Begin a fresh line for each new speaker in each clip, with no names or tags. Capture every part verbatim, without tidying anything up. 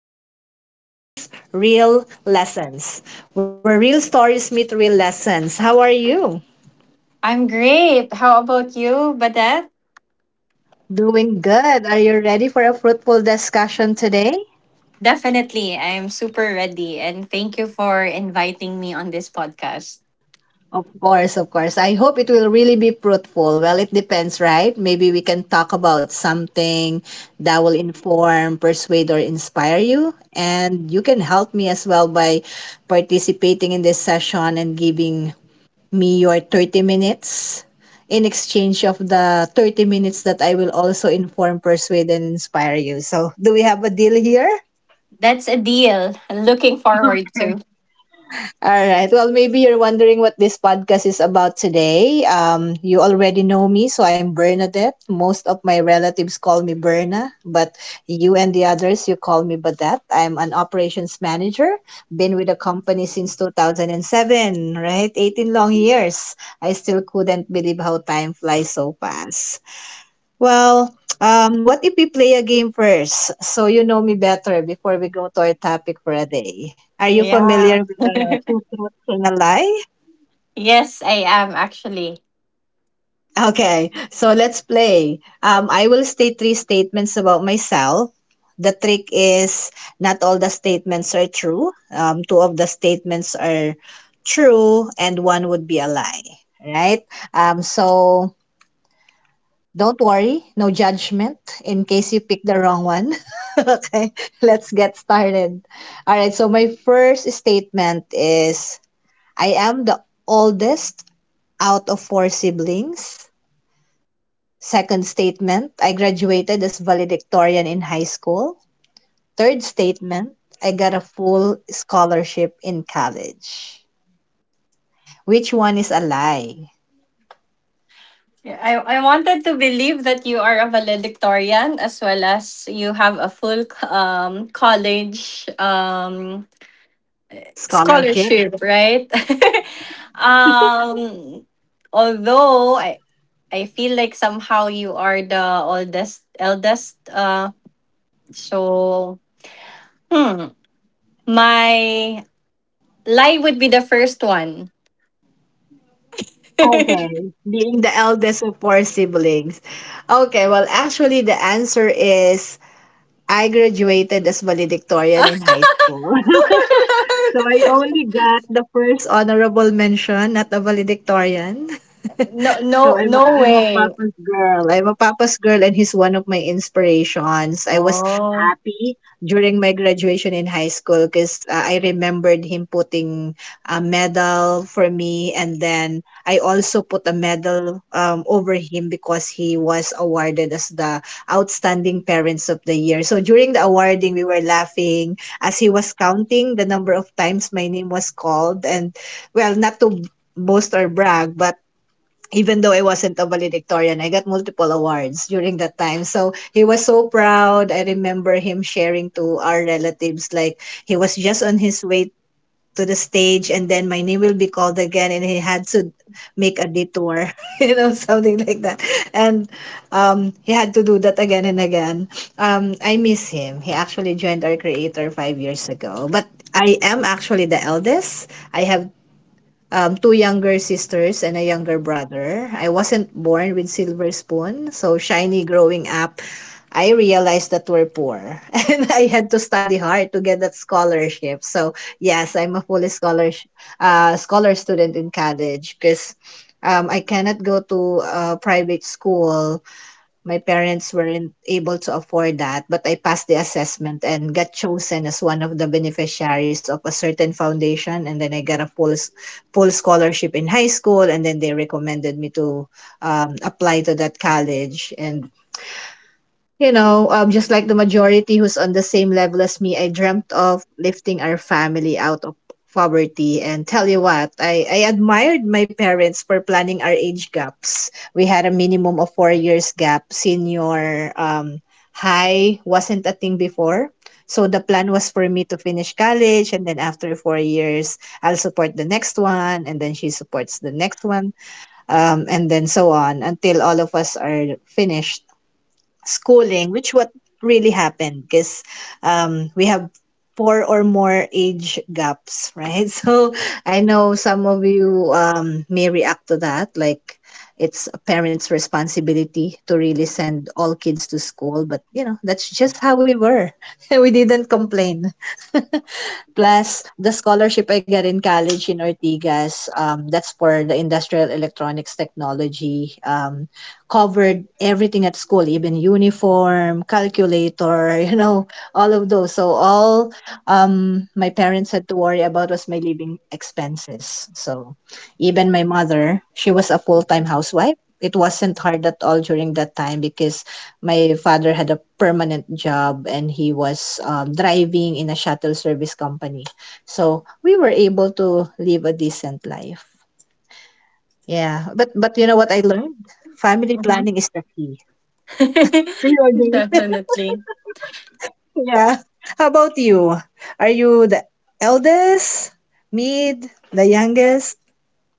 Welcome to our Real Stories, Real Lessons, where real stories meet real lessons. How are you?
I'm great. How about you, Badette?
Doing good. Are you ready for a fruitful discussion today?
Definitely. I'm super ready. And thank you for inviting me on this podcast.
Of course, of course. I hope it will really be fruitful. Well, it depends, right? Maybe we can talk about something that will inform, persuade, or inspire you. And you can help me as well by participating in this session and giving me your thirty minutes in exchange of the thirty minutes that I will also inform, persuade, and inspire you. So, do we have a deal here?
That's a deal. Looking forward to.
All right. Well, maybe you're wondering what this podcast is about today. Um, you already know me, so I'm Bernadette. Most of my relatives call me Berna, but you and the others, you call me Badette. I'm an operations manager. Been with the company since two thousand seven, right? eighteen long years. I still couldn't believe how time flies so fast. Well, um, what if we play a game first so you know me better before we go to our topic for a day? Are you familiar
Yeah.
with the two truths and a lie?
Yes, I am actually.
Okay, so let's play. Um, I will state three statements about myself. The trick is not all the statements are true. Um, two of the statements are true, and one would be a lie. Right? Um, so Don't worry, no judgment in case you pick the wrong one. Okay, let's get started. All right, so my first statement is I am the oldest out of four siblings. Second statement, I graduated as valedictorian in high school. Third statement, I got a full scholarship in college. Which one is a lie?
Yeah, I, I wanted to believe that you are a valedictorian as well as you have a full um, college um,
Scholarship.
scholarship, right? um, although I, I feel like somehow you are the oldest eldest. Uh so hmm. My lie would be the first one.
Okay, being the eldest of four siblings. Okay, well, actually, the answer is I graduated as valedictorian in high school. So I only got the first honorable mention, not the valedictorian.
No, no,
So I'm a,
no
I'm a
way.
papa's girl. I'm a papa's girl, and he's one of my inspirations. I was
Oh.
happy during my graduation in high school because uh, I remembered him putting a medal for me, and then I also put a medal um, over him because he was awarded as the outstanding parents of the year. So during the awarding, we were laughing as he was counting the number of times my name was called, and well, not to boast or brag, but even though I wasn't a valedictorian, I got multiple awards during that time. So he was so proud. I remember him sharing to our relatives, like he was just on his way to the stage and then my name will be called again and he had to make a detour, you know, something like that. And um, he had to do that again and again. Um, I miss him. He actually joined our creator five years ago. But I am actually the eldest. I have um, two younger sisters and a younger brother. I wasn't born with silver spoon, so shiny growing up, I realized that we're poor and I had to study hard to get that scholarship. So yes, I'm a full scholar uh, scholar student in college because um, I cannot go to a private school. My parents weren't able to afford that, but I passed the assessment and got chosen as one of the beneficiaries of a certain foundation. And then I got a full s- full scholarship in high school, and then they recommended me to um, apply to that college. And you know, um, just like the majority who's on the same level as me, I dreamt of lifting our family out of poverty. And tell you what, I, I admired my parents for planning our age gaps. We had a minimum of four years gap. Senior um, high wasn't a thing before. So the plan was for me to finish college and then after four years, I'll support the next one and then she supports the next one, um, and then so on until all of us are finished schooling, which what really happened because um, we have four or more age gaps, right? So I know some of you um, may react to that, like it's a parent's responsibility to really send all kids to school, but you know that's just how we were. We didn't complain. Plus, the scholarship I got in college in Ortigas, um, that's for the industrial electronics technology, um, covered everything at school, even uniform, calculator, you know, all of those. So all um, my parents had to worry about was my living expenses. So even my mother, she was a full-time housewife. It wasn't hard at all during that time because my father had a permanent job and he was um, driving in a shuttle service company. So we were able to live a decent life. Yeah, but but you know what I learned? Family planning
Mhm.
is the key. Do you agree?
Definitely.
Yeah. How about you? Are you the eldest, mid, the youngest?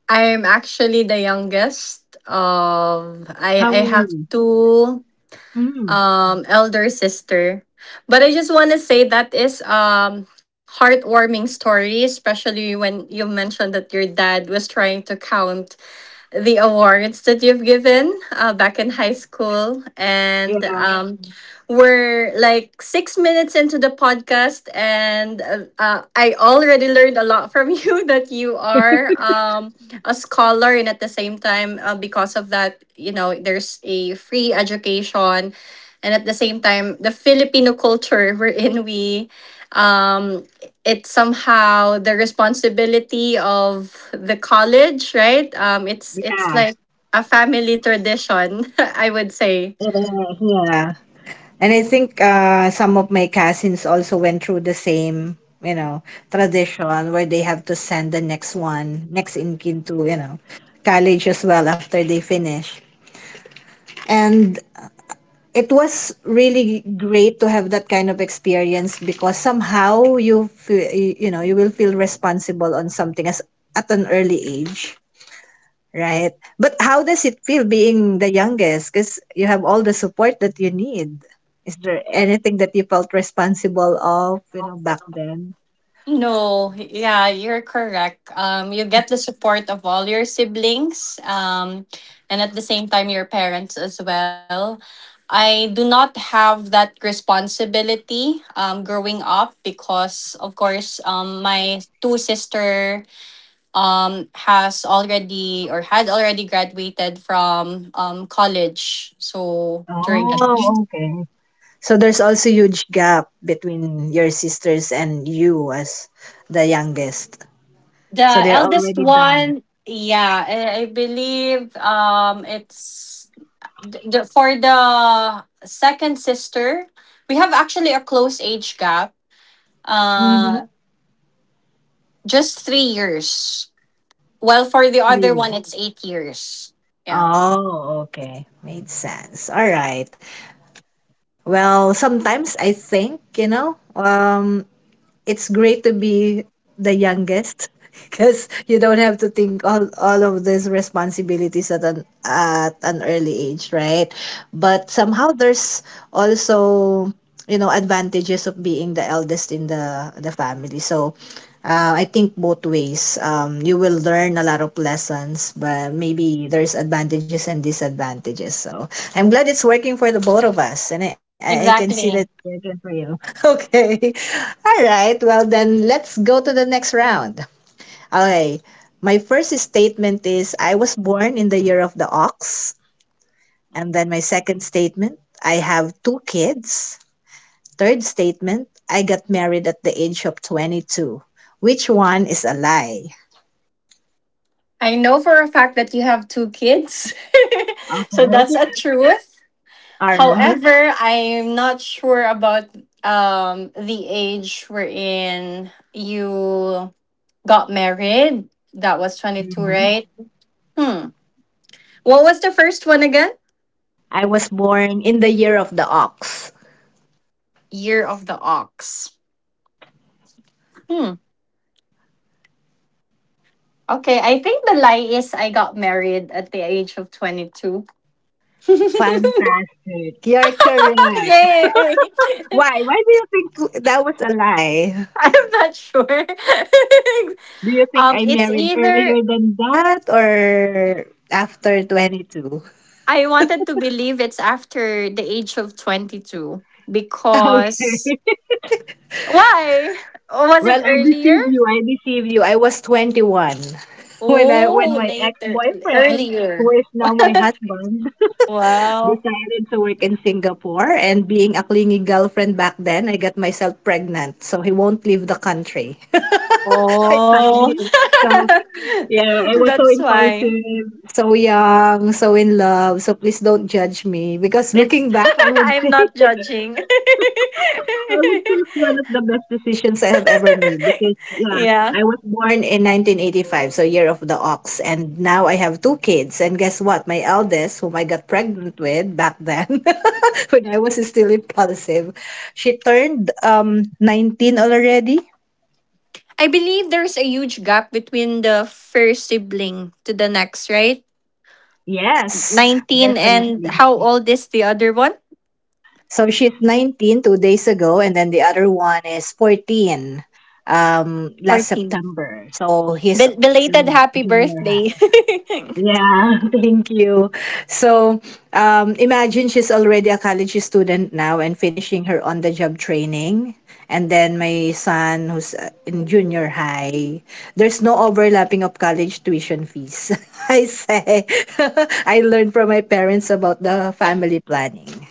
I'm actually the youngest of I
How
I
many?
have two
Mm,
um elder sister. But I just want to say that is um heartwarming story, especially when you mentioned that your dad was trying to count the awards that you've given uh, back in high school. And
yeah.
um, We're like six minutes into the podcast, and uh, uh, I already learned a lot from you that you are um, a scholar, and at the same time, uh, because of that, you know, there's a free education. And at the same time, the Filipino culture wherein we um, it's somehow the responsibility of the college, right? Um, it's it's
Yeah.
like a family tradition, I would say.
Yeah. And I think uh, some of my cousins also went through the same, you know, tradition where they have to send the next one, next in kin to, you know, college as well after they finish. And it was really great to have that kind of experience because somehow you feel, you know, you will feel responsible on something as at an early age. Right. But how does it feel being the youngest? Because you have all the support that you need. Is there anything that you felt responsible of, you know, back then?
No, yeah, you're correct. Um, you get the support of all your siblings, um, and at the same time, your parents as well. I do not have that responsibility um, growing up because, of course, um, my two sister um has already or had already graduated from um college so during that. Mhm.
Oh, okay. So there's also huge gap between your sisters and you as the youngest.
The
So they're
eldest
already done.
one, yeah, i, I believe um it's the, the, for the second sister we have actually a close age gap
Mm-hmm.
uh just three years. While for the other one
Three.
it's eight years. Yeah,
Oh, okay. Made sense. All right. Well, sometimes I think, you know, um, it's great to be the youngest because you don't have to think all all of these responsibilities at an at an early age, right? But somehow there's also you know advantages of being the eldest in the the family. So uh, I think both ways. Um, you will learn a lot of lessons, but maybe there's advantages and disadvantages. So I'm glad it's working for the both of us, and I, I I can see that
exactly.
it's working for you. Okay. All right. Well, then let's go to the next round. Okay. My first statement is I was born in the year of the ox. And then my second statement, I have two kids. Third statement, I got married at the age of twenty-two. Which one is a lie?
I know for a fact that you have two kids so that's
Right?
a truth.
Alright.
However, I'm not sure about um the age wherein you got married. That was twenty-two,
Mhm.
right? Hmm. What was the first one again?
I was born in the year of the ox.
Year of the Ox. Hmm. Okay, I think the lie is I got married at the age of twenty-two.
Fantastic. You're correct.
Yay!
Why? Why do you think that was a lie?
I'm not sure.
Do you think
Um,
I
it's
married earlier
either,
than that or after twenty-two?
I wanted to believe it's after the age of twenty-two. Because
Okay.
why? Was
Well,
it
I
earlier?
deceive you. I deceive you. I was twenty-one when I when
Oh,
my
later.
ex-boyfriend, who
Earlier.
is now my husband,
Wow.
decided to work in Singapore, and being a clingy girlfriend back then, I got myself pregnant. So he won't leave the country. I tied
Oh.
him. So yeah, I was so
That's why.
impulsive, so young, so in love. So please don't judge me because
It's
looking back, I would
I'm
say
not judging.
I would say it's one of the best decisions I have ever made because yeah,
yeah.
I was born in nineteen eighty-five, so year of the ox, and now I have two kids. And guess what? My eldest, whom I got pregnant with back then, when I was still impulsive, she turned um nineteen already.
I believe there's a huge gap between the first sibling to the next, right?
Yes,
nineteen and
definitely.
how old is the other one?
So she's nineteen two days ago, and then the other one is fourteen um last
fourteen.
September. So he's
Bel- belated
in
happy
junior.
birthday.
Yeah, thank you. So, um, imagine she's already a college student now and finishing her on the job training. And then my son, who's uh, in junior high, there's no overlapping of college tuition fees. I say, I learned from my parents about the family planning,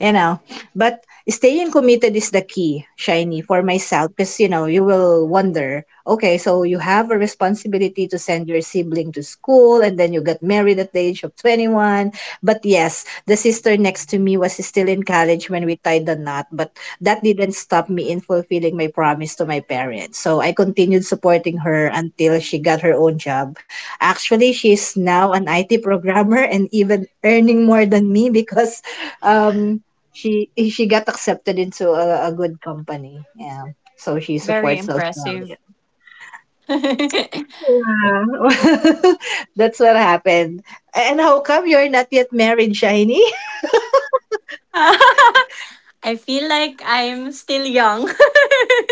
you know. But staying committed is the key, Shiny, for myself, because you know, you will wonder, okay, so you have a responsibility to send your sibling to school, and then you got married at the age of twenty-one. But yes, the sister next to me was still in college when we tied the knot, but that didn't stop me in fulfilling my promise to my parents. So I continued supporting her until she got her own job. Actually, she's now an I T programmer and even earning more than me because um, she she got accepted into a, a good company. Yeah. So she
Very
supports
impressive.
Australia. Yeah. That's what happened. And how come you're not yet married, Shiny?
I feel like I'm still young.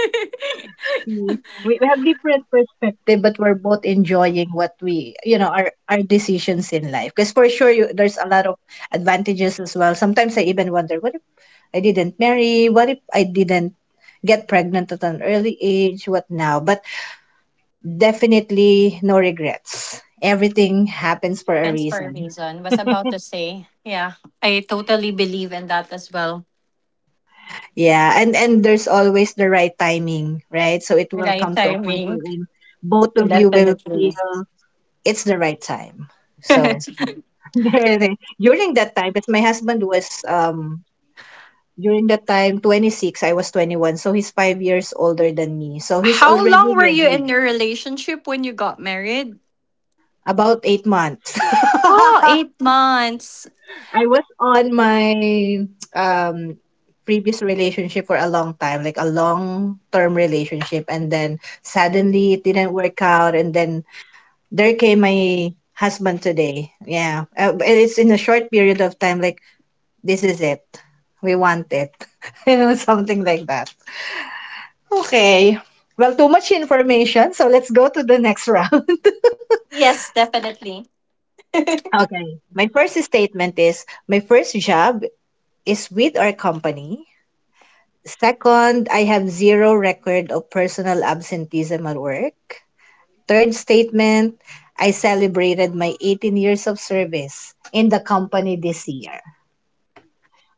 we we have different perspective, but we're both enjoying what we, you know, our our decisions in life. Because for sure, you, there's a lot of advantages as well. Sometimes I even wonder, what if I didn't marry? What if I didn't get pregnant at an early age? What now? But definitely no regrets. Everything happens for a
Happens for a
reason.
reason. Was about to say, yeah, I totally believe in that as well.
Yeah, and and there's always the right timing, right? So it will
Right
come to a point
timing,
wherein both of you will
definitely.
feel it's the right time. So during that time, because my husband was um during that time twenty-six, I was twenty-one, so he's five years older than me. So he's
How
already
long were you
ready,
in your relationship when you got married?
about eight months.
Oh, eight months.
I was on my um previous relationship for a long time, like a long term relationship, and then suddenly it didn't work out, and then there came my husband today. Yeah, uh, and it's in a short period of time. Like this is it, we want it, you know, something like that. Okay. Well, too much information, so let's go to the next round.
Yes, definitely.
Okay. My first statement is my first job is with our company. Second, I have zero record of personal absenteeism at work. Third statement, I celebrated my eighteen years of service in the company this year.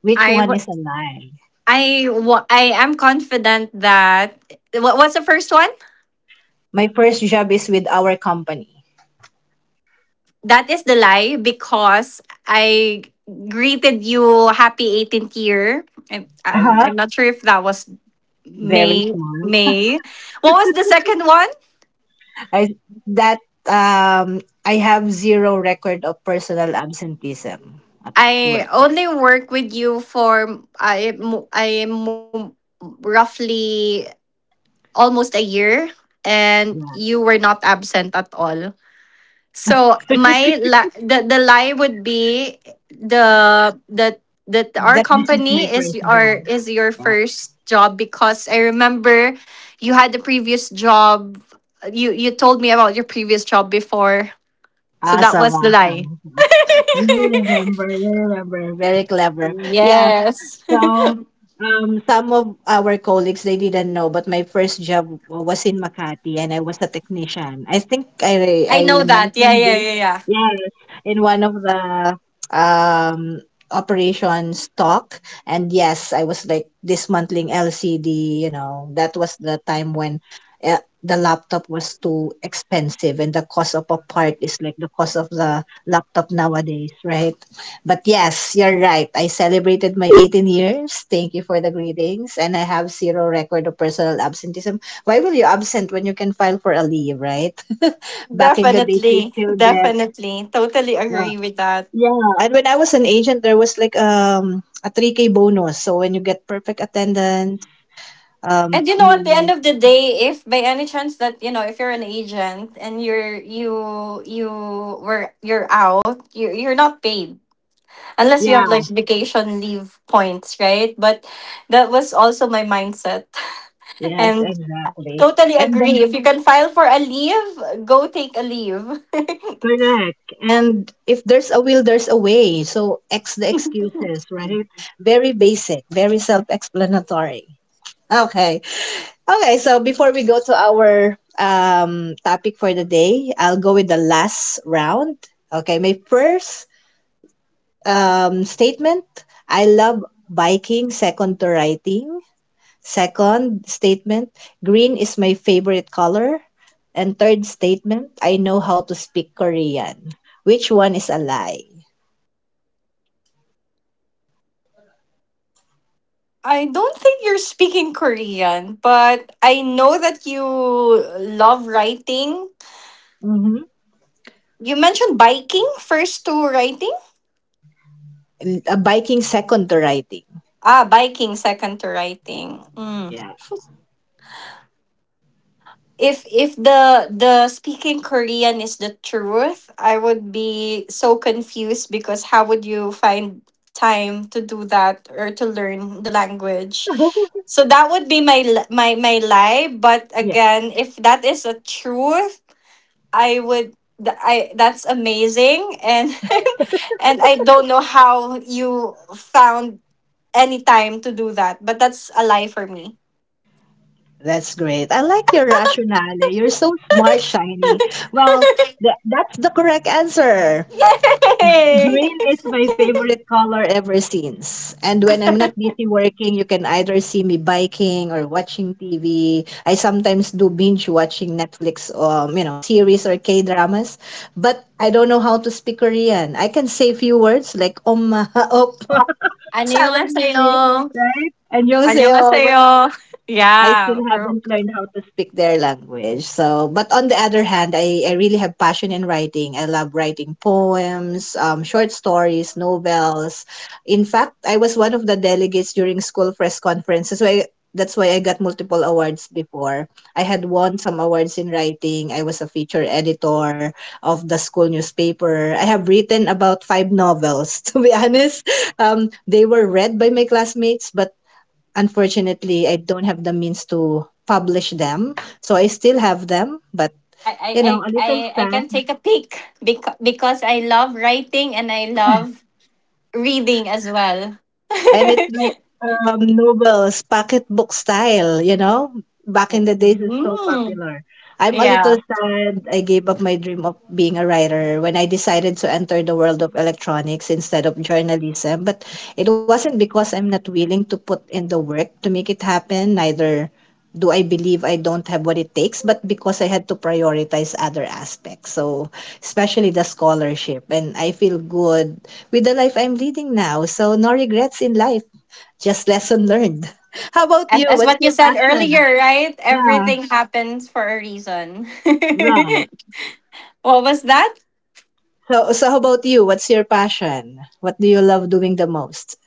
Which
I
one is a lie?
I wa- I am confident that what what's the first one?
My first job is with our company.
That is the lie because I greeted you happy eighteenth year. I, I'm
Uh-huh.
I'm not sure if that was
Very
May.
smart.
May. What was the second one?
I that um I have zero record of personal absenteeism at
I
work.
only work with you for I mo- I mo- Roughly almost a year and
Yeah.
you were not absent at all. So my li- the the lie would be the that that our
That this is
company
my
is
first
our
job.
is your
Yeah.
first job, because I remember you had the previous job, you you told me about your previous job before, so that
Awesome,
was the lie.
awesome. You remember, you remember. Very clever. Yeah,
Yes.
so um, some of our colleagues they didn't know, but my first job was in Makati, and I was a technician. I think I
I
I
know that. Yeah,
mentioned
yeah,
this.
yeah, yeah.
Yes, in one of the um operations talk, and yes, I was like dismantling L C D. You know, that was the time when, Uh, the laptop was too expensive and the cost of a part is like the cost of the laptop nowadays, right? But yes, you're right. I celebrated my eighteen years. Thank you for the greetings. And I have zero record of personal absenteeism. Why will you absent when you can file for a leave, right? Back in the days, you
Definitely.
still get.
Definitely. Totally
Uh,
agree with that.
yeah. And when I was an agent, there was like um a three k bonus. So when you get perfect attendance, um,
And you know, at the end
you.
of the day, if by any chance that, you know, if you're an agent and you're you you were you're out, you you're not paid unless you have like
Yeah.
vacation leave points, right? But that was also my mindset,
Yes,
and
exactly.
totally
And then
agree. If you can file for a leave, go take a leave.
correct. And if there's a will, there's a way. So X the excuses, right? Very basic, very self-explanatory. Okay. Okay, so before we go to our um topic for the day, I'll go with the last round. Okay, my first um statement, I love biking, second to writing. Second statement, green is my favorite color. And third statement, I know how to speak Korean. Which one is a lie?
I don't think you're speaking Korean, but I know that you love writing.
Mm-hmm.
You mentioned biking first to writing.
A biking second to writing.
Ah, biking second to writing. Mm.
Yeah.
If if the the speaking Korean is the truth, I would be so confused because how would you find time to do that or to learn the language? So that would be my li- my my lie. But
Yeah.
again, if that is a truth, I would. th- I that's amazing and and I don't know how you found any time to do that, but that's a lie for me.
That's great. I like your rationale. You're so smart, Shiny. Well, th- that's the correct answer.
Yay!
Green is my favorite color ever since. And when I'm not busy working, you can either see me biking or watching T V. I sometimes do binge watching Netflix, um, you know, series or K dramas. But I don't know how to speak Korean. I can say few words like "om op," "saranghae,"
안녕하세요.
right? And yung,
안녕하세요.
I
Yeah,
still
bro.
haven't learned how to speak their language. So, but on the other hand, I, I really have passion in writing. I love writing poems, um, short stories, novels. In fact, I was one of the delegates during school press conferences. So I, that's why I got multiple awards before. I had won some awards in writing. I was a feature editor of the school newspaper. I have written about five novels, to be honest. Um, they were read by my classmates, but unfortunately, I don't have the means to publish them. So I still have them, but
I, I,
you know,
I,
a little
I I can
sad.
take a peek because, because I love writing and I love reading as well.
And it's like um, novels, pocketbook style, you know? Back in the days, is so
Mm,
popular. I'm a little
yeah.
sad. I gave up my dream of being a writer when I decided to enter the world of electronics instead of journalism. But it wasn't because I'm not willing to put in the work to make it happen, neither do I believe I don't have what it takes, but because I had to prioritize other aspects. So, especially the scholarship, and I feel good with the life I'm leading now. So, no regrets in life, just lesson learned. How about
As,
you?
as
What's
what you
your
said
passion?
earlier, right?
Yeah,
Everything happens for a reason.
right.
What was that?
So, so how about you? What's your passion? What do you love doing the most?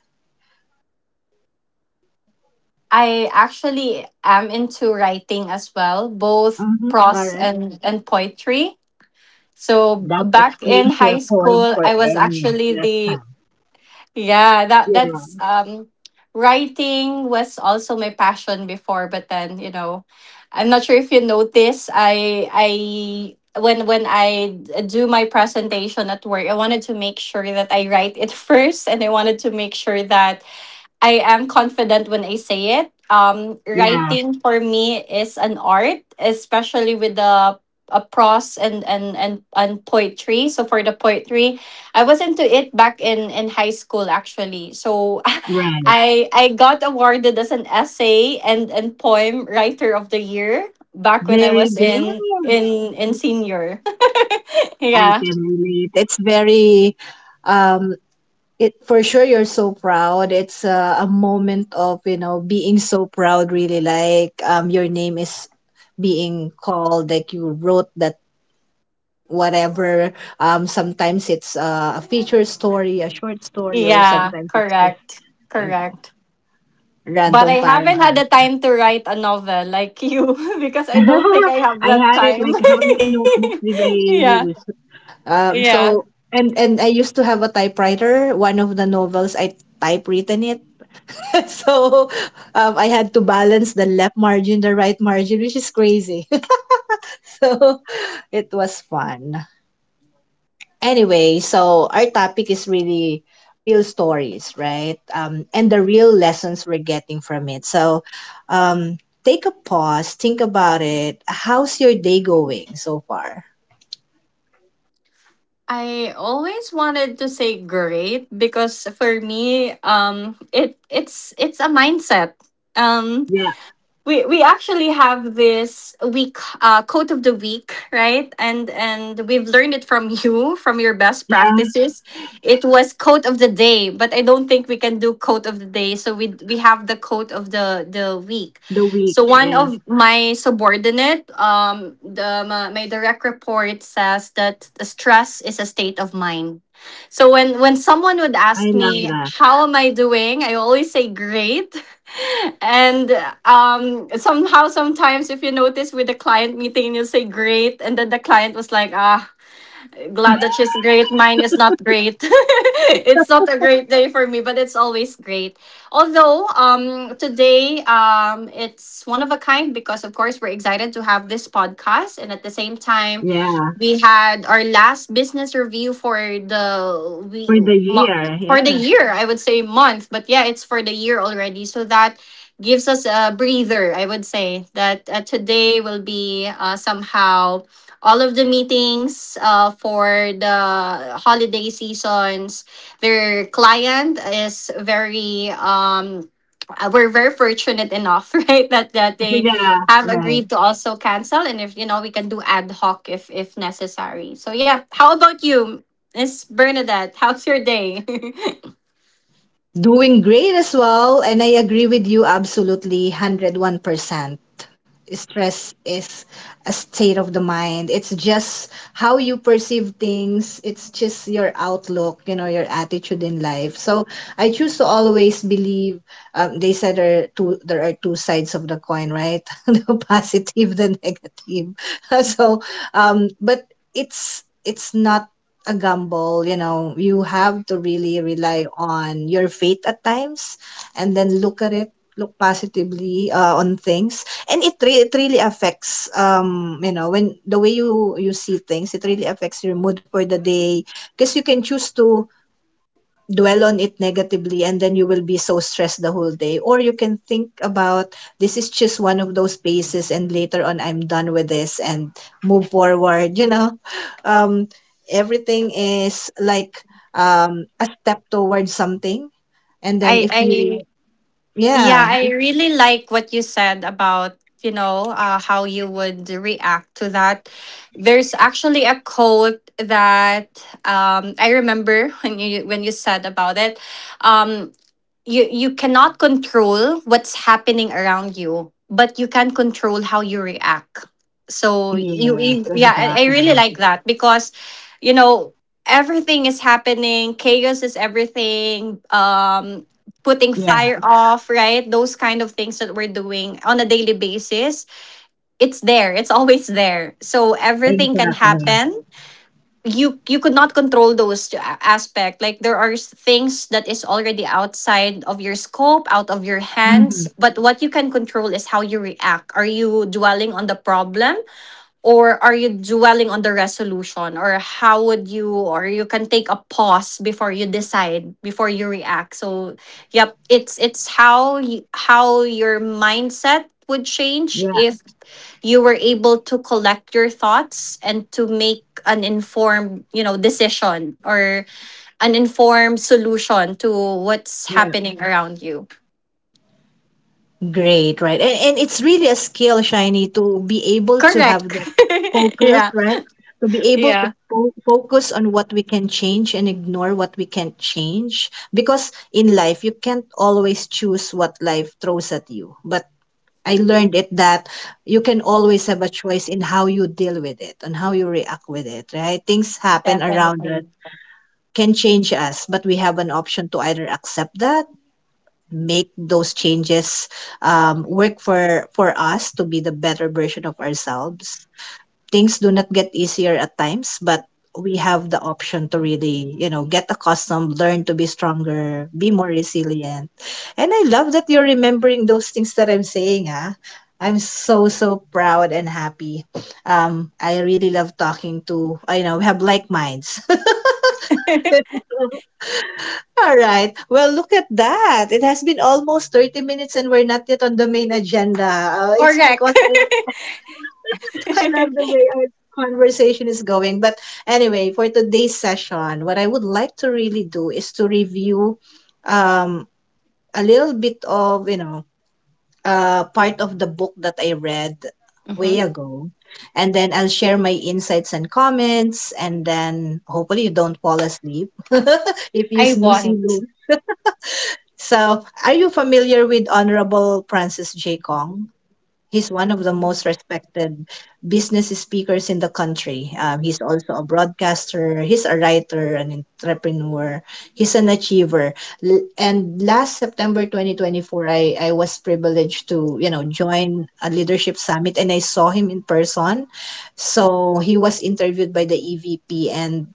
I actually am into writing as well, both
Mm-hmm. All
prose
right.
and, and poetry. So b-
That
back in
explains
high
your point
school,
for
I was
Emmy
actually
last
the
time.
yeah that that's
Yeah.
um writing was also my passion before. But then, you know, I'm not sure if you notice. I I when when I d- do my presentation at work, I wanted to make sure that I write it first, and I wanted to make sure that I am confident when I say it. Um,
Yeah.
writing for me is an art, especially with the a prose and, and and and poetry. So for the poetry, I was into it back in in high school actually. So
Right.
I I got awarded as an essay and and poem writer of the year back when I
Very
was
good.
in in in senior.
I
Yeah,
can relate. It's very, um, it for sure you're so proud. It's a, a moment of, you know, being so proud, really. Like, um, your name is being called, like you wrote that whatever. Um, sometimes it's uh, a feature story, a short story, or
yeah,
sometimes it's just,
correct,
you know,
correct. But
random
I haven't had
paragraph.
the time to write a novel like you because I don't think I have
I
that
had it
time.
like how many notebooks did I
yeah.
use? Um,
Yeah.
so and and I used to have a typewriter. One of the novels I typewritten it. So um, I had to balance the left margin, the right margin, which is crazy. So it was fun. Anyway, so our topic is really real stories, right? Um, and the real lessons we're getting from it. So um, take a pause, think about it. How's your day going so far?
I always wanted to say great because for me um it it's it's a mindset. Um.
Yeah,
we we actually have this week uh, quote of the week, right? and and we've learned it from you, from your best practices. It was quote of the day, but I don't think we can do quote of the day, so we we have the quote of the the week.
the week.
So one
Yeah,
of my subordinate, um the my, my direct report, says that stress is a state of mind. So when when someone would
I
ask
love
me
that.
how am I doing, I always say great. And um somehow sometimes if you notice with the client meeting, you say great and then the client was like, ah, glad that she's great. Mine is not great. It's not a great day for me, but it's always great. Although um today um it's one of a kind, because of course we're excited to have this podcast and at the same time
Yeah.
we had our last business review for the
For
we
the
mo-
year,
for the
yeah.
year. I would say month, but yeah, it's for the year already. So that gives us a breather. I would say that uh, today will be uh, somehow all of the meetings uh, for the holiday seasons. Their client is very um uh, we're very fortunate enough, right? That that they
Yeah,
have
right.
agreed to also cancel, and if you know we can do ad hoc if if necessary. So yeah, how about you, Miss Bernadette? How's your day?
Doing great as well. And I agree with you absolutely one hundred one percent. Stress is a state of the mind. It's just how you perceive things. It's just your outlook, you know, your attitude in life. So I choose to always believe. Um, they said there are two. There are two sides of the coin, right? The positive, the negative. So, um, but it's it's not a gamble. You know, you have to really rely on your faith at times and then look at it, look positively uh, on things, and it, re- it really affects, um you know, when the way you you see things, it really affects your mood for the day, because you can choose to dwell on it negatively and then you will be so stressed the whole day, or you can think about this is just one of those phases and later on I'm done with this and move forward, you know. um everything is like um a step towards something, and then
I
if
I
you
Yeah,
yeah.
I really like what you said about, you know, uh, how you would react to that. There's actually a quote that um, I remember when you when you said about it. Um, you you cannot control what's happening around you, but you can control how you react. So you
Yes,
you- yeah, I, I really
exactly.
like that because, you know, everything is happening, chaos is everything, um putting
Yeah,
fire off, right? Those kind of things that we're doing on a daily basis. It's there, it's always there, so everything can
exactly.
happen. you you could not control those a- aspect. Like there are s- things that is already outside of your scope, out of your hands,
Hmm.
but what you can control is how you react. Are you dwelling on the problem, or are you dwelling on the resolution? Or how would you, or you can take a pause before you decide, before you react. So yep, it's it's how you, how your mindset would change
Yeah,
if you were able to collect your thoughts and to make an informed, you know, decision or an informed solution to what's happening around you.
great, right? And and it's really a skill, Shiny, to be able to
Correct.
have that focus,
Yeah.
right? To be able to
Yeah,
fo focus on what we can change and ignore what we can't change. Because in life, you can't always choose what life throws at you. But I learned it that you can always have a choice in how you deal with it, on how you react with it, right? Things happen around
definitely.
us can change us, but we have an option to either accept that, make those changes um, work for for us to be the better version of ourselves. Things do not get easier at times, but we have the option to really, you know, get accustomed, learn to be stronger, be more resilient. And I love that you're remembering those things that I'm saying, ah. I'm so so proud and happy. Um, I really love talking to. I know we have like minds. All right. Well, look at that. It has been almost thirty minutes and we're not yet on the main agenda. Uh, it's
Correct.
because I, I love the way our conversation is going. But anyway, for today's session, what I would like to really do is to review um, a little bit of, you know, uh, part of the book that I read
Hmm.
way ago. And then I'll share my insights and comments. And then hopefully you don't fall asleep. If you
I
snooze,
want.
you. So, are you familiar with Honorable Francis J. Kong? He's one of the most respected business speakers in the country. Um, he's also a broadcaster, he's a writer, an entrepreneur, he's an achiever. L- and last September twenty twenty-four, I, I was privileged to, you know, join a leadership summit and I saw him in person. So, he was interviewed by the E V P and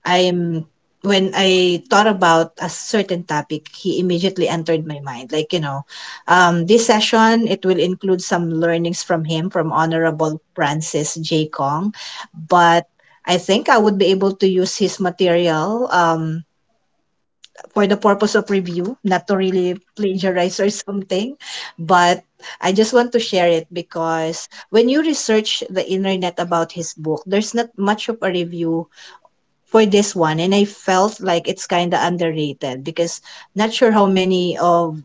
I'm when I thought about a certain topic, he immediately entered my mind. Like, you know, um, this session, it will include some learnings from him, from Honorable Francis J. Kong. But I think I would be able to use his material um, for the purpose of review, not to really plagiarize or something. But I just want to share it because when you research the internet about his book, there's not much of a review for this one, and I felt like it's kind of underrated because not sure how many of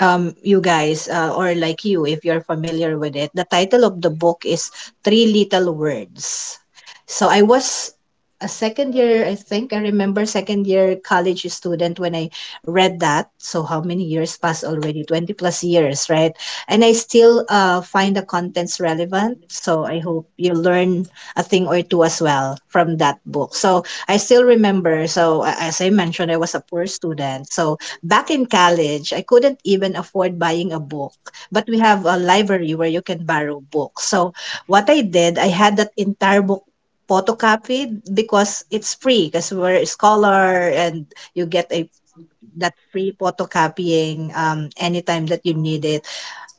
um, you guys, uh, or like you, if you're familiar with it, the title of the book is Three Little Words. So I was a second year, I think, I remember, second year college student when I read that. So how many years passed already? twenty plus years, right? And I still uh, find the contents relevant. So I hope you learn a thing or two as well from that book. So I still remember. So a- as I mentioned, I was a poor student. So back in college, I couldn't even afford buying a book, but we have a library where you can borrow books. So what I did, I had that entire book photocopied because it's free because we're a scholar, and you get a that free photocopying um, anytime that you need it,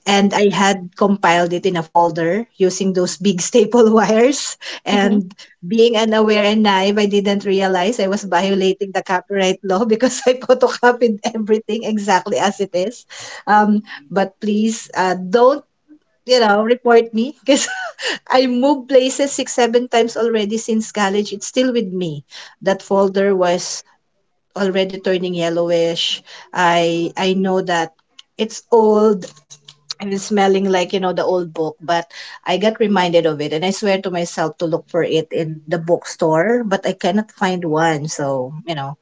and I had compiled it in a folder using those big staple wires.
Mhm.
And being unaware and naive, I didn't realize I was violating the copyright law because I photocopied everything exactly as it is. Um, but please uh, don't, you know, report me because I moved places six, seven times already since college. It's still with me. That folder was already turning yellowish. I I know that it's old and it's smelling like, you know, the old book, but I got reminded of it and I swear to myself to look for it in the bookstore but I cannot find one, so you know,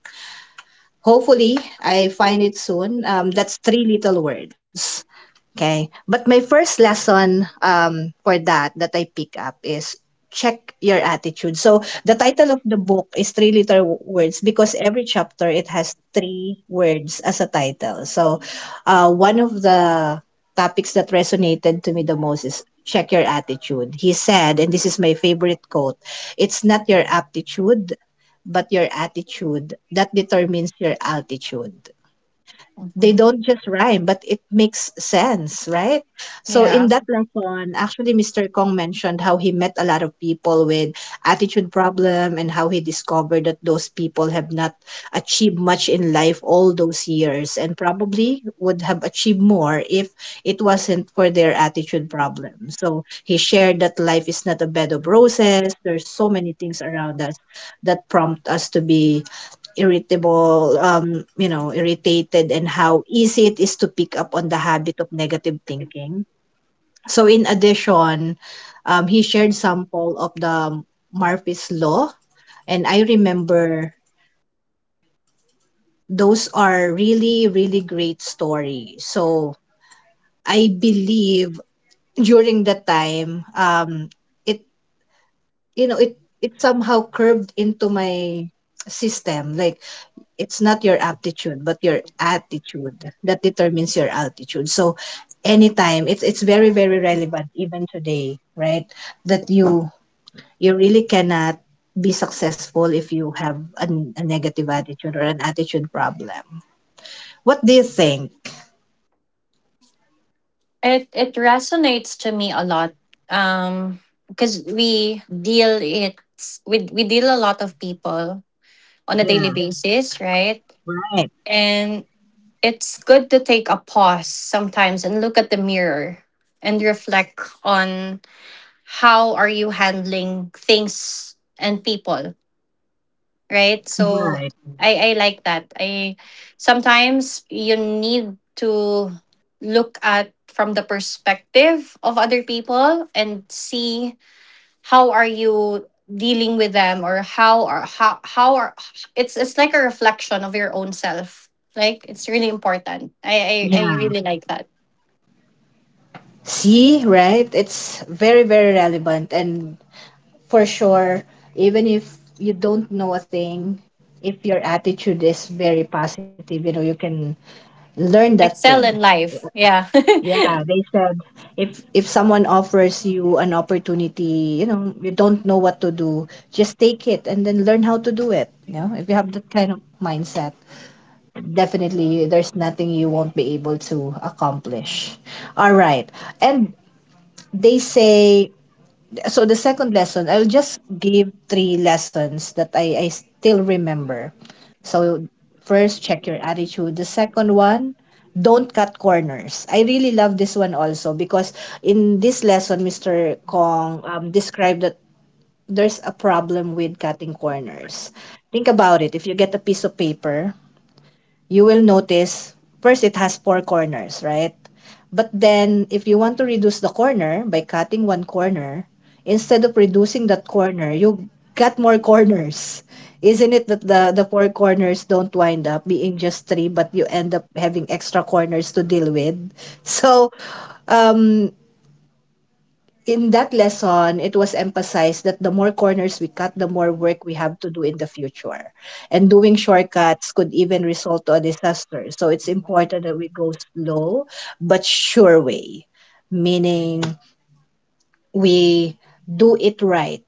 hopefully I find it soon. Um, that's three little words. Okay. But my first lesson um, for that that I pick up is check your attitude. So the title of the book is three little words because every chapter it has three words as a title. So uh, one of the topics that resonated to me the most is check your attitude. He said, and this is my favorite quote, it's not your aptitude, but your attitude that determines your altitude. They don't just rhyme, but it makes sense, right? So in that lesson, actually, mister Kong mentioned how he met a lot of people with attitude problem and how he discovered that those people have not achieved much in life all those years, and probably would have achieved more if it wasn't for their attitude problem. So he shared that life is not a bed of roses. There's so many things around us that prompt us to be irritable, um, you know, irritated, and how easy it is to pick up on the habit of negative thinking. So in addition, um, he shared sample of the Murphy's Law, and I remember those are really, really great stories. So I believe during that time, um, it you know, it it somehow curved into my system. Like, it's not your aptitude but your attitude that determines your altitude, so anytime, it's it's very, very relevant even today, right? That you you really cannot be successful if you have an, a negative attitude or an attitude problem. What do you think?
it it resonates to me a lot. um because we deal it with we deal a lot of people on a daily basis, right?
Right.
And it's good to take a pause sometimes and look at the mirror and reflect on how are you handling things and people, right? So I, I like that. I sometimes you need to look at from the perspective of other people and see how are you dealing with them or how are how how are it's it's like a reflection of your own self, like it's really important. I i, I
Yeah,
really like that.
see, right, it's very, very relevant, and for sure, even if you don't know a thing, if your attitude is very positive, you know, you can learn that thing.
Excel in life, yeah.
Yeah, they said, If if someone offers you an opportunity, you know, you don't know what to do, just take it and then learn how to do it. You know, if you have that kind of mindset, definitely there's nothing you won't be able to accomplish. All right. And they say, so the second lesson, I'll just give three lessons that I, I still remember. So, first, check your attitude. The second one, don't cut corners. I really love this one also because in this lesson, Mister Kong um, described that there's a problem with cutting corners. Think about it. If you get a piece of paper, you will notice first it has four corners, right? But then, if you want to reduce the corner by cutting one corner, instead of reducing that corner, you cut more corners. Isn't it that the, the four corners don't wind up being just three, but you end up having extra corners to deal with? So, um, in that lesson, it was emphasized that the more corners we cut, the more work we have to do in the future. And doing shortcuts could even result to a disaster. So it's important that we go slow but sure way, meaning we do it right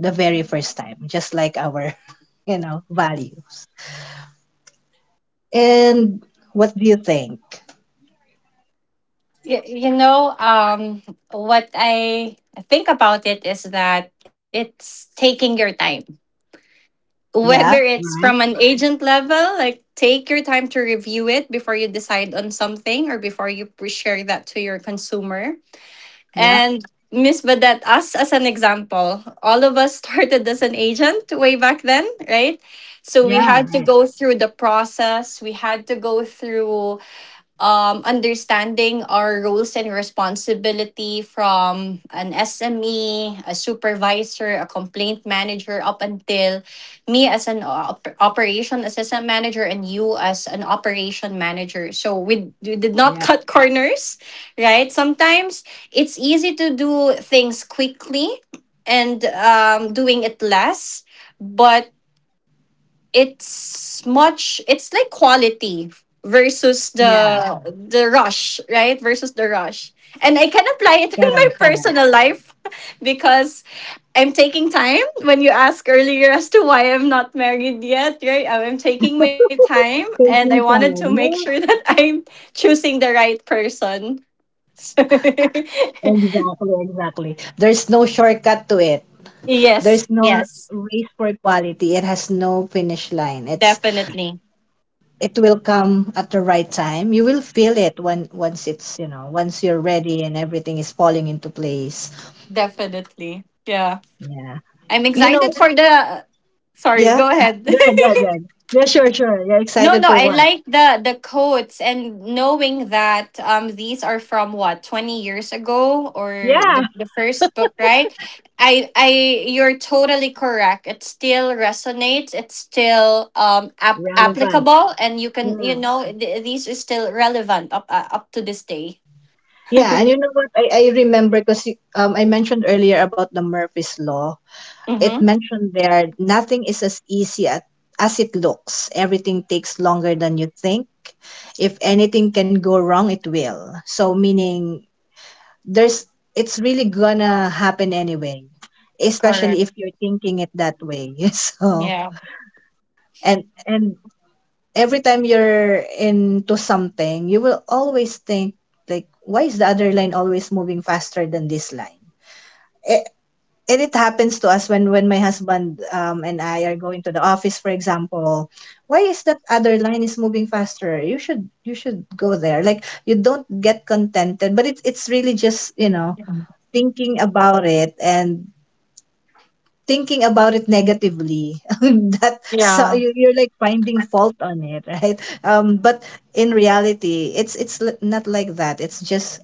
the very first time, just like our, you know, values. And what do you think?
you, you know um what i think about it is that it's taking your time, whether
Yeah,
it's from
right.
an agent level, like take your time to review it before you decide on something or before you pre- share that to your consumer.
Yeah,
And Miss Vedette, us as an example, all of us started as an agent way back then, right? So we
yeah,
had to
right.
go through the process. We had to go through um, understanding our roles and responsibility from an S M E, a supervisor, a complaint manager, up until me as an op- operation assistant manager and you as an operation manager. So we, we did
Yeah,
not cut corners, right? Sometimes it's easy to do things quickly and um, doing it less, but it's much it's like quality versus the
yeah.
yeah the rush, right? Versus the rush. And I can apply it in my
Correct, correct.
personal life. Because I'm taking time. When you asked earlier as to why I'm not married yet, right, I'm taking my time and I
Taking
wanted to make
time.
sure
Yeah.
that I'm choosing the right person.
Exactly, exactly. There's no shortcut to it.
Yes,
There's no
yes.
race for quality. It has no finish line. It's
Definitely.
it will come at the right time. You will feel it when once it's, you know, once you're ready and everything is falling into place.
Definitely, yeah.
Yeah.
I'm
You know,
excited for the. Sorry,
yeah.
go
Good,
ahead.
good, good. Yeah, sure, sure. You're
No,
excited
no,
for
I
what?
like the the quotes and knowing that um these are from what twenty years ago, or
Yeah.
the the first book, right? I I you're totally correct. It still resonates. It's still um ap-
Relevant.
applicable, and you can,
Yeah.
you know, th- these is still relevant up uh, up to this day.
Yeah, and you know what? I, I remember because um I mentioned earlier about the Murphy's Law. It
Mm-hmm.
mentioned there nothing is as easy at, as it looks. Everything takes longer than you think. If anything can go wrong, it will. So meaning there's it's really gonna happen anyway, especially
Correct.
if you're thinking it that way. So
Yeah.
and and every time you're into something, you will always think, like, why is the other line always moving faster than this line? E- and it happens to us when when my husband um, and I are going to the office, for example. Why is that other line is moving faster? You should, you should go there. Like, you don't get contented, but it's it's really just, you know, thinking about it, and thinking about it negatively. That so
Yeah.
you, you're like finding fault on it, right? Um, but in reality, it's it's l- not like that. It's just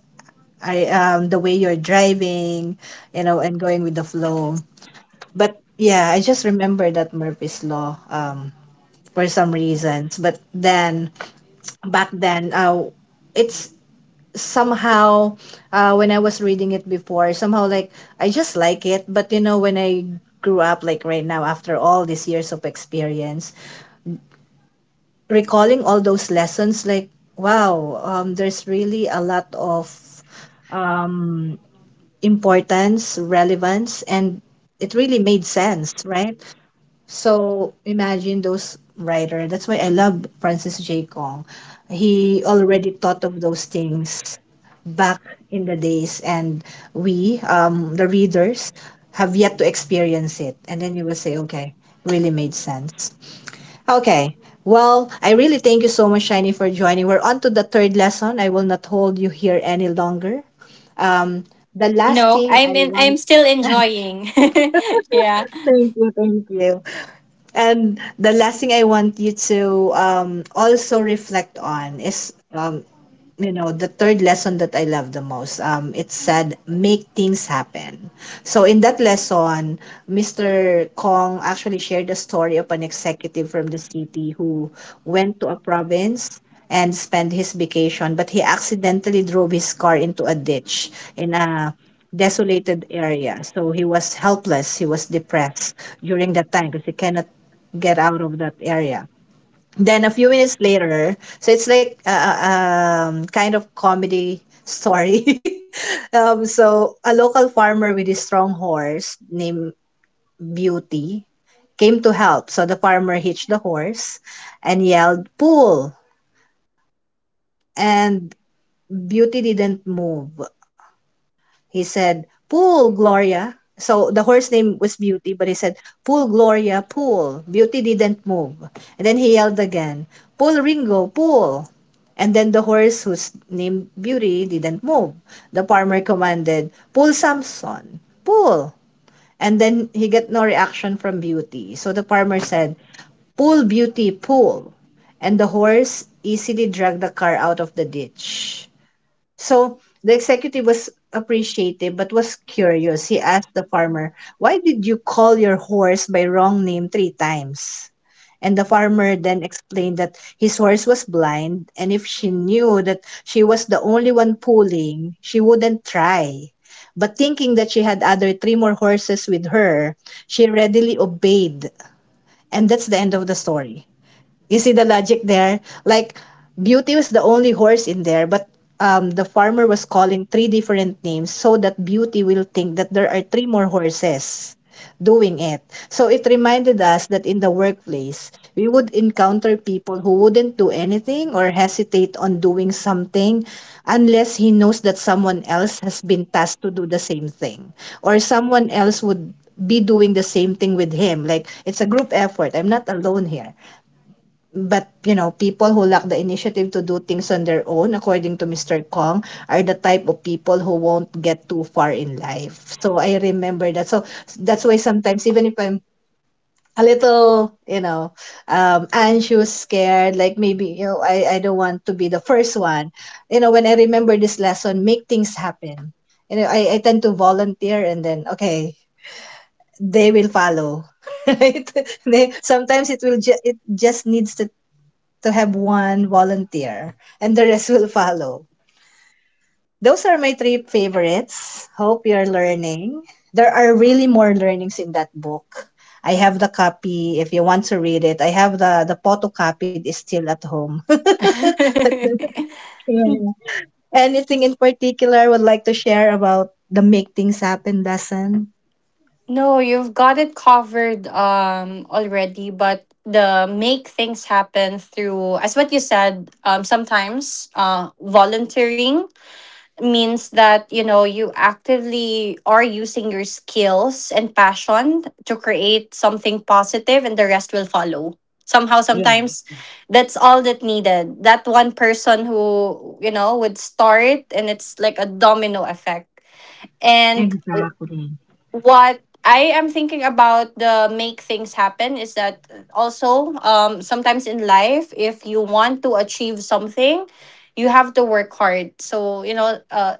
I um the way you're driving, you know, and going with the flow. But yeah, I just remember that Murphy's Law um, for some reasons. But then, back then, uh, it's somehow, uh, when I was reading it before, somehow, like, I just like it. But you know, when I grew up, like right now, after all these years of experience, recalling all those lessons, like, wow, um, there's really a lot of um, importance, relevance, and it really made sense, right? So imagine those writer. That's why I love Francis J. Kong. He already thought of those things back in the days, and we, um, the readers, have yet to experience it. And then you will say, okay, really made sense. Okay. Well, I really thank you so much, Shiny, for joining. We're on to the third lesson. I will not hold you here any longer. Um, the last
No,
thing
I'm
I
in. I'm
want.
still enjoying. Yeah.
Thank you, thank you. And the last thing I want you to um, also reflect on is, um, you know, the third lesson that I love the most. Um, it said, make things happen. So in that lesson, mister Kong actually shared the story of an executive from the city who went to a province and spent his vacation, but he accidentally drove his car into a ditch in a desolated area. So he was helpless. He was depressed during that time because he cannot get out of that area. Then a few minutes later, so it's like a, a- um, kind of comedy story. Um, so a local farmer with his strong horse named Beauty came to help. So the farmer hitched the horse and yelled, "Pull!" And Beauty didn't move. He said, "Pool, Gloria." So the horse name was Beauty, but he said, "Pool, Gloria, pool." Beauty didn't move. And then he yelled again, "Pool, Ringo, pool." And then the horse whose name Beauty didn't move. The farmer commanded, "Pull Samson, pull." And then he got no reaction from Beauty. So the farmer said, "Pull Beauty, pull." And the horse easily dragged the car out of the ditch. So the executive was appreciative but was curious. He asked the farmer, "Why did you call your horse by wrong name three times?" And the farmer then explained that his horse was blind, and if she knew that she was the only one pulling, she wouldn't try. But thinking that she had other three more horses with her, she readily obeyed. And that's the end of the story. You see the logic there? Like, Beauty was the only horse in there, but um, the farmer was calling three different names so that Beauty will think that there are three more horses doing it. So it reminded us that in the workplace, we would encounter people who wouldn't do anything or hesitate on doing something unless he knows that someone else has been tasked to do the same thing or someone else would be doing the same thing with him. Like, it's a group effort. I'm not alone here. But, you know, people who lack the initiative to do things on their own, according to mister Kong, are the type of people who won't get too far in life. So I remember that. So that's why sometimes, even if I'm a little, you know, um, anxious, scared, like maybe, you know, I, I don't want to be the first one. You know, when I remember this lesson, make things happen. You know, I, I tend to volunteer, and then, okay, they will follow. Right, they, sometimes it will ju- it just needs to to have one volunteer and the rest will follow. Those are my three favorites. Hope you're learning. There are really more learnings in that book. I have the copy if you want to read it. I have the the photocopied is still at home. Yeah. Anything in particular I would like to share about the make things happen lesson?
No, you've got it covered um already, but the make things happen through, as what you said, um sometimes uh volunteering means that, you know, you actively are using your skills and passion to create something positive, and the rest will follow. Somehow
Yeah,
sometimes that's all that needed. That one person who, you know, would start, and it's like a domino effect. And
exactly.
what I am thinking about the make things happen is that also, um sometimes in life, if you want to achieve something, you have to work hard. So, you know, a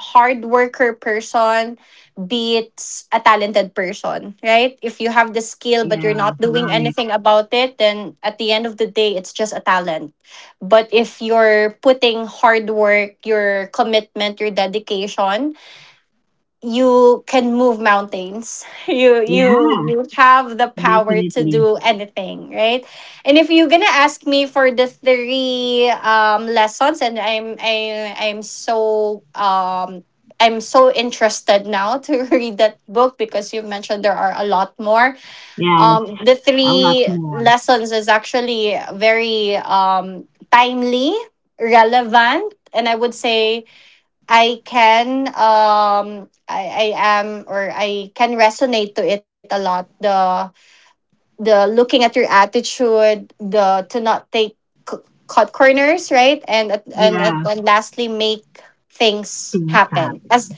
hard worker person beats a talented person, right? If you have the skill but you're
Yeah,
not doing
right.
anything about it, then at the end of the day, it's just a talent. But if you're putting hard work, your commitment, your dedication, you can move mountains. you you
Yeah,
you have the power to
definitely.
do anything, right? And if you're gonna ask me for the three um lessons, and i'm i i'm so um I'm so interested now to read that book, because you mentioned there are a lot more.
Yes,
Um the
a lot
three
more.
lessons is actually very um timely, relevant, and I would say I can um I, I am, or I can resonate to it a lot. The the looking at your attitude, the to not take c- cut corners, right? And at- and at-
Yeah,
and lastly, make things
things
happen.
happen.
As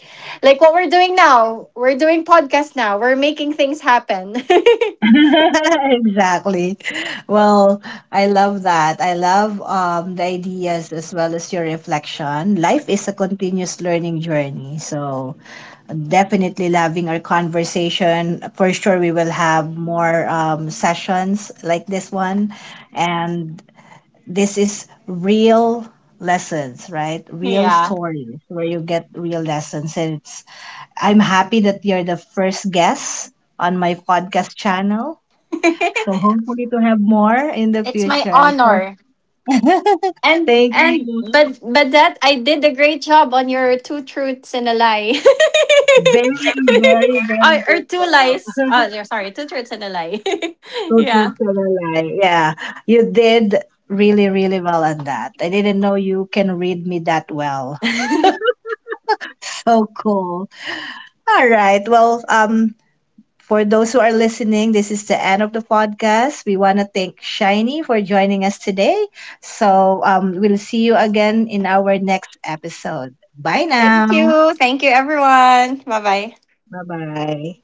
like what we're doing now, we're doing podcast now. We're making things happen.
Exactly. Well, I love that. I love um, the ideas as well as your reflection. Life is a continuous learning journey. So, definitely loving our conversation. For sure, we will have more um, sessions like this one. And this is real lessons, right? Real
Yeah.
stories where you get real lessons. And it's, I'm happy that you're the first guest on my podcast channel, so hopefully to have more in the
It's my
future. So
honor. And
thank
and
you.
but but that I did a great job on your two truths and a lie.
Very, very,
or,
very
or
good
two lies.
job.
Oh, yeah, sorry, two truths and a lie.
So truth
Yeah.
to the lie. Yeah. You did really, really well on that. I didn't know you can read me that well. So cool. All right. Well, um, for those who are listening, this is the end of the podcast. We want to thank Shiny for joining us today. So um, we'll see you again in our next episode. Bye
Thank
now.
you. Thank you everyone. Bye-bye.
Bye bye.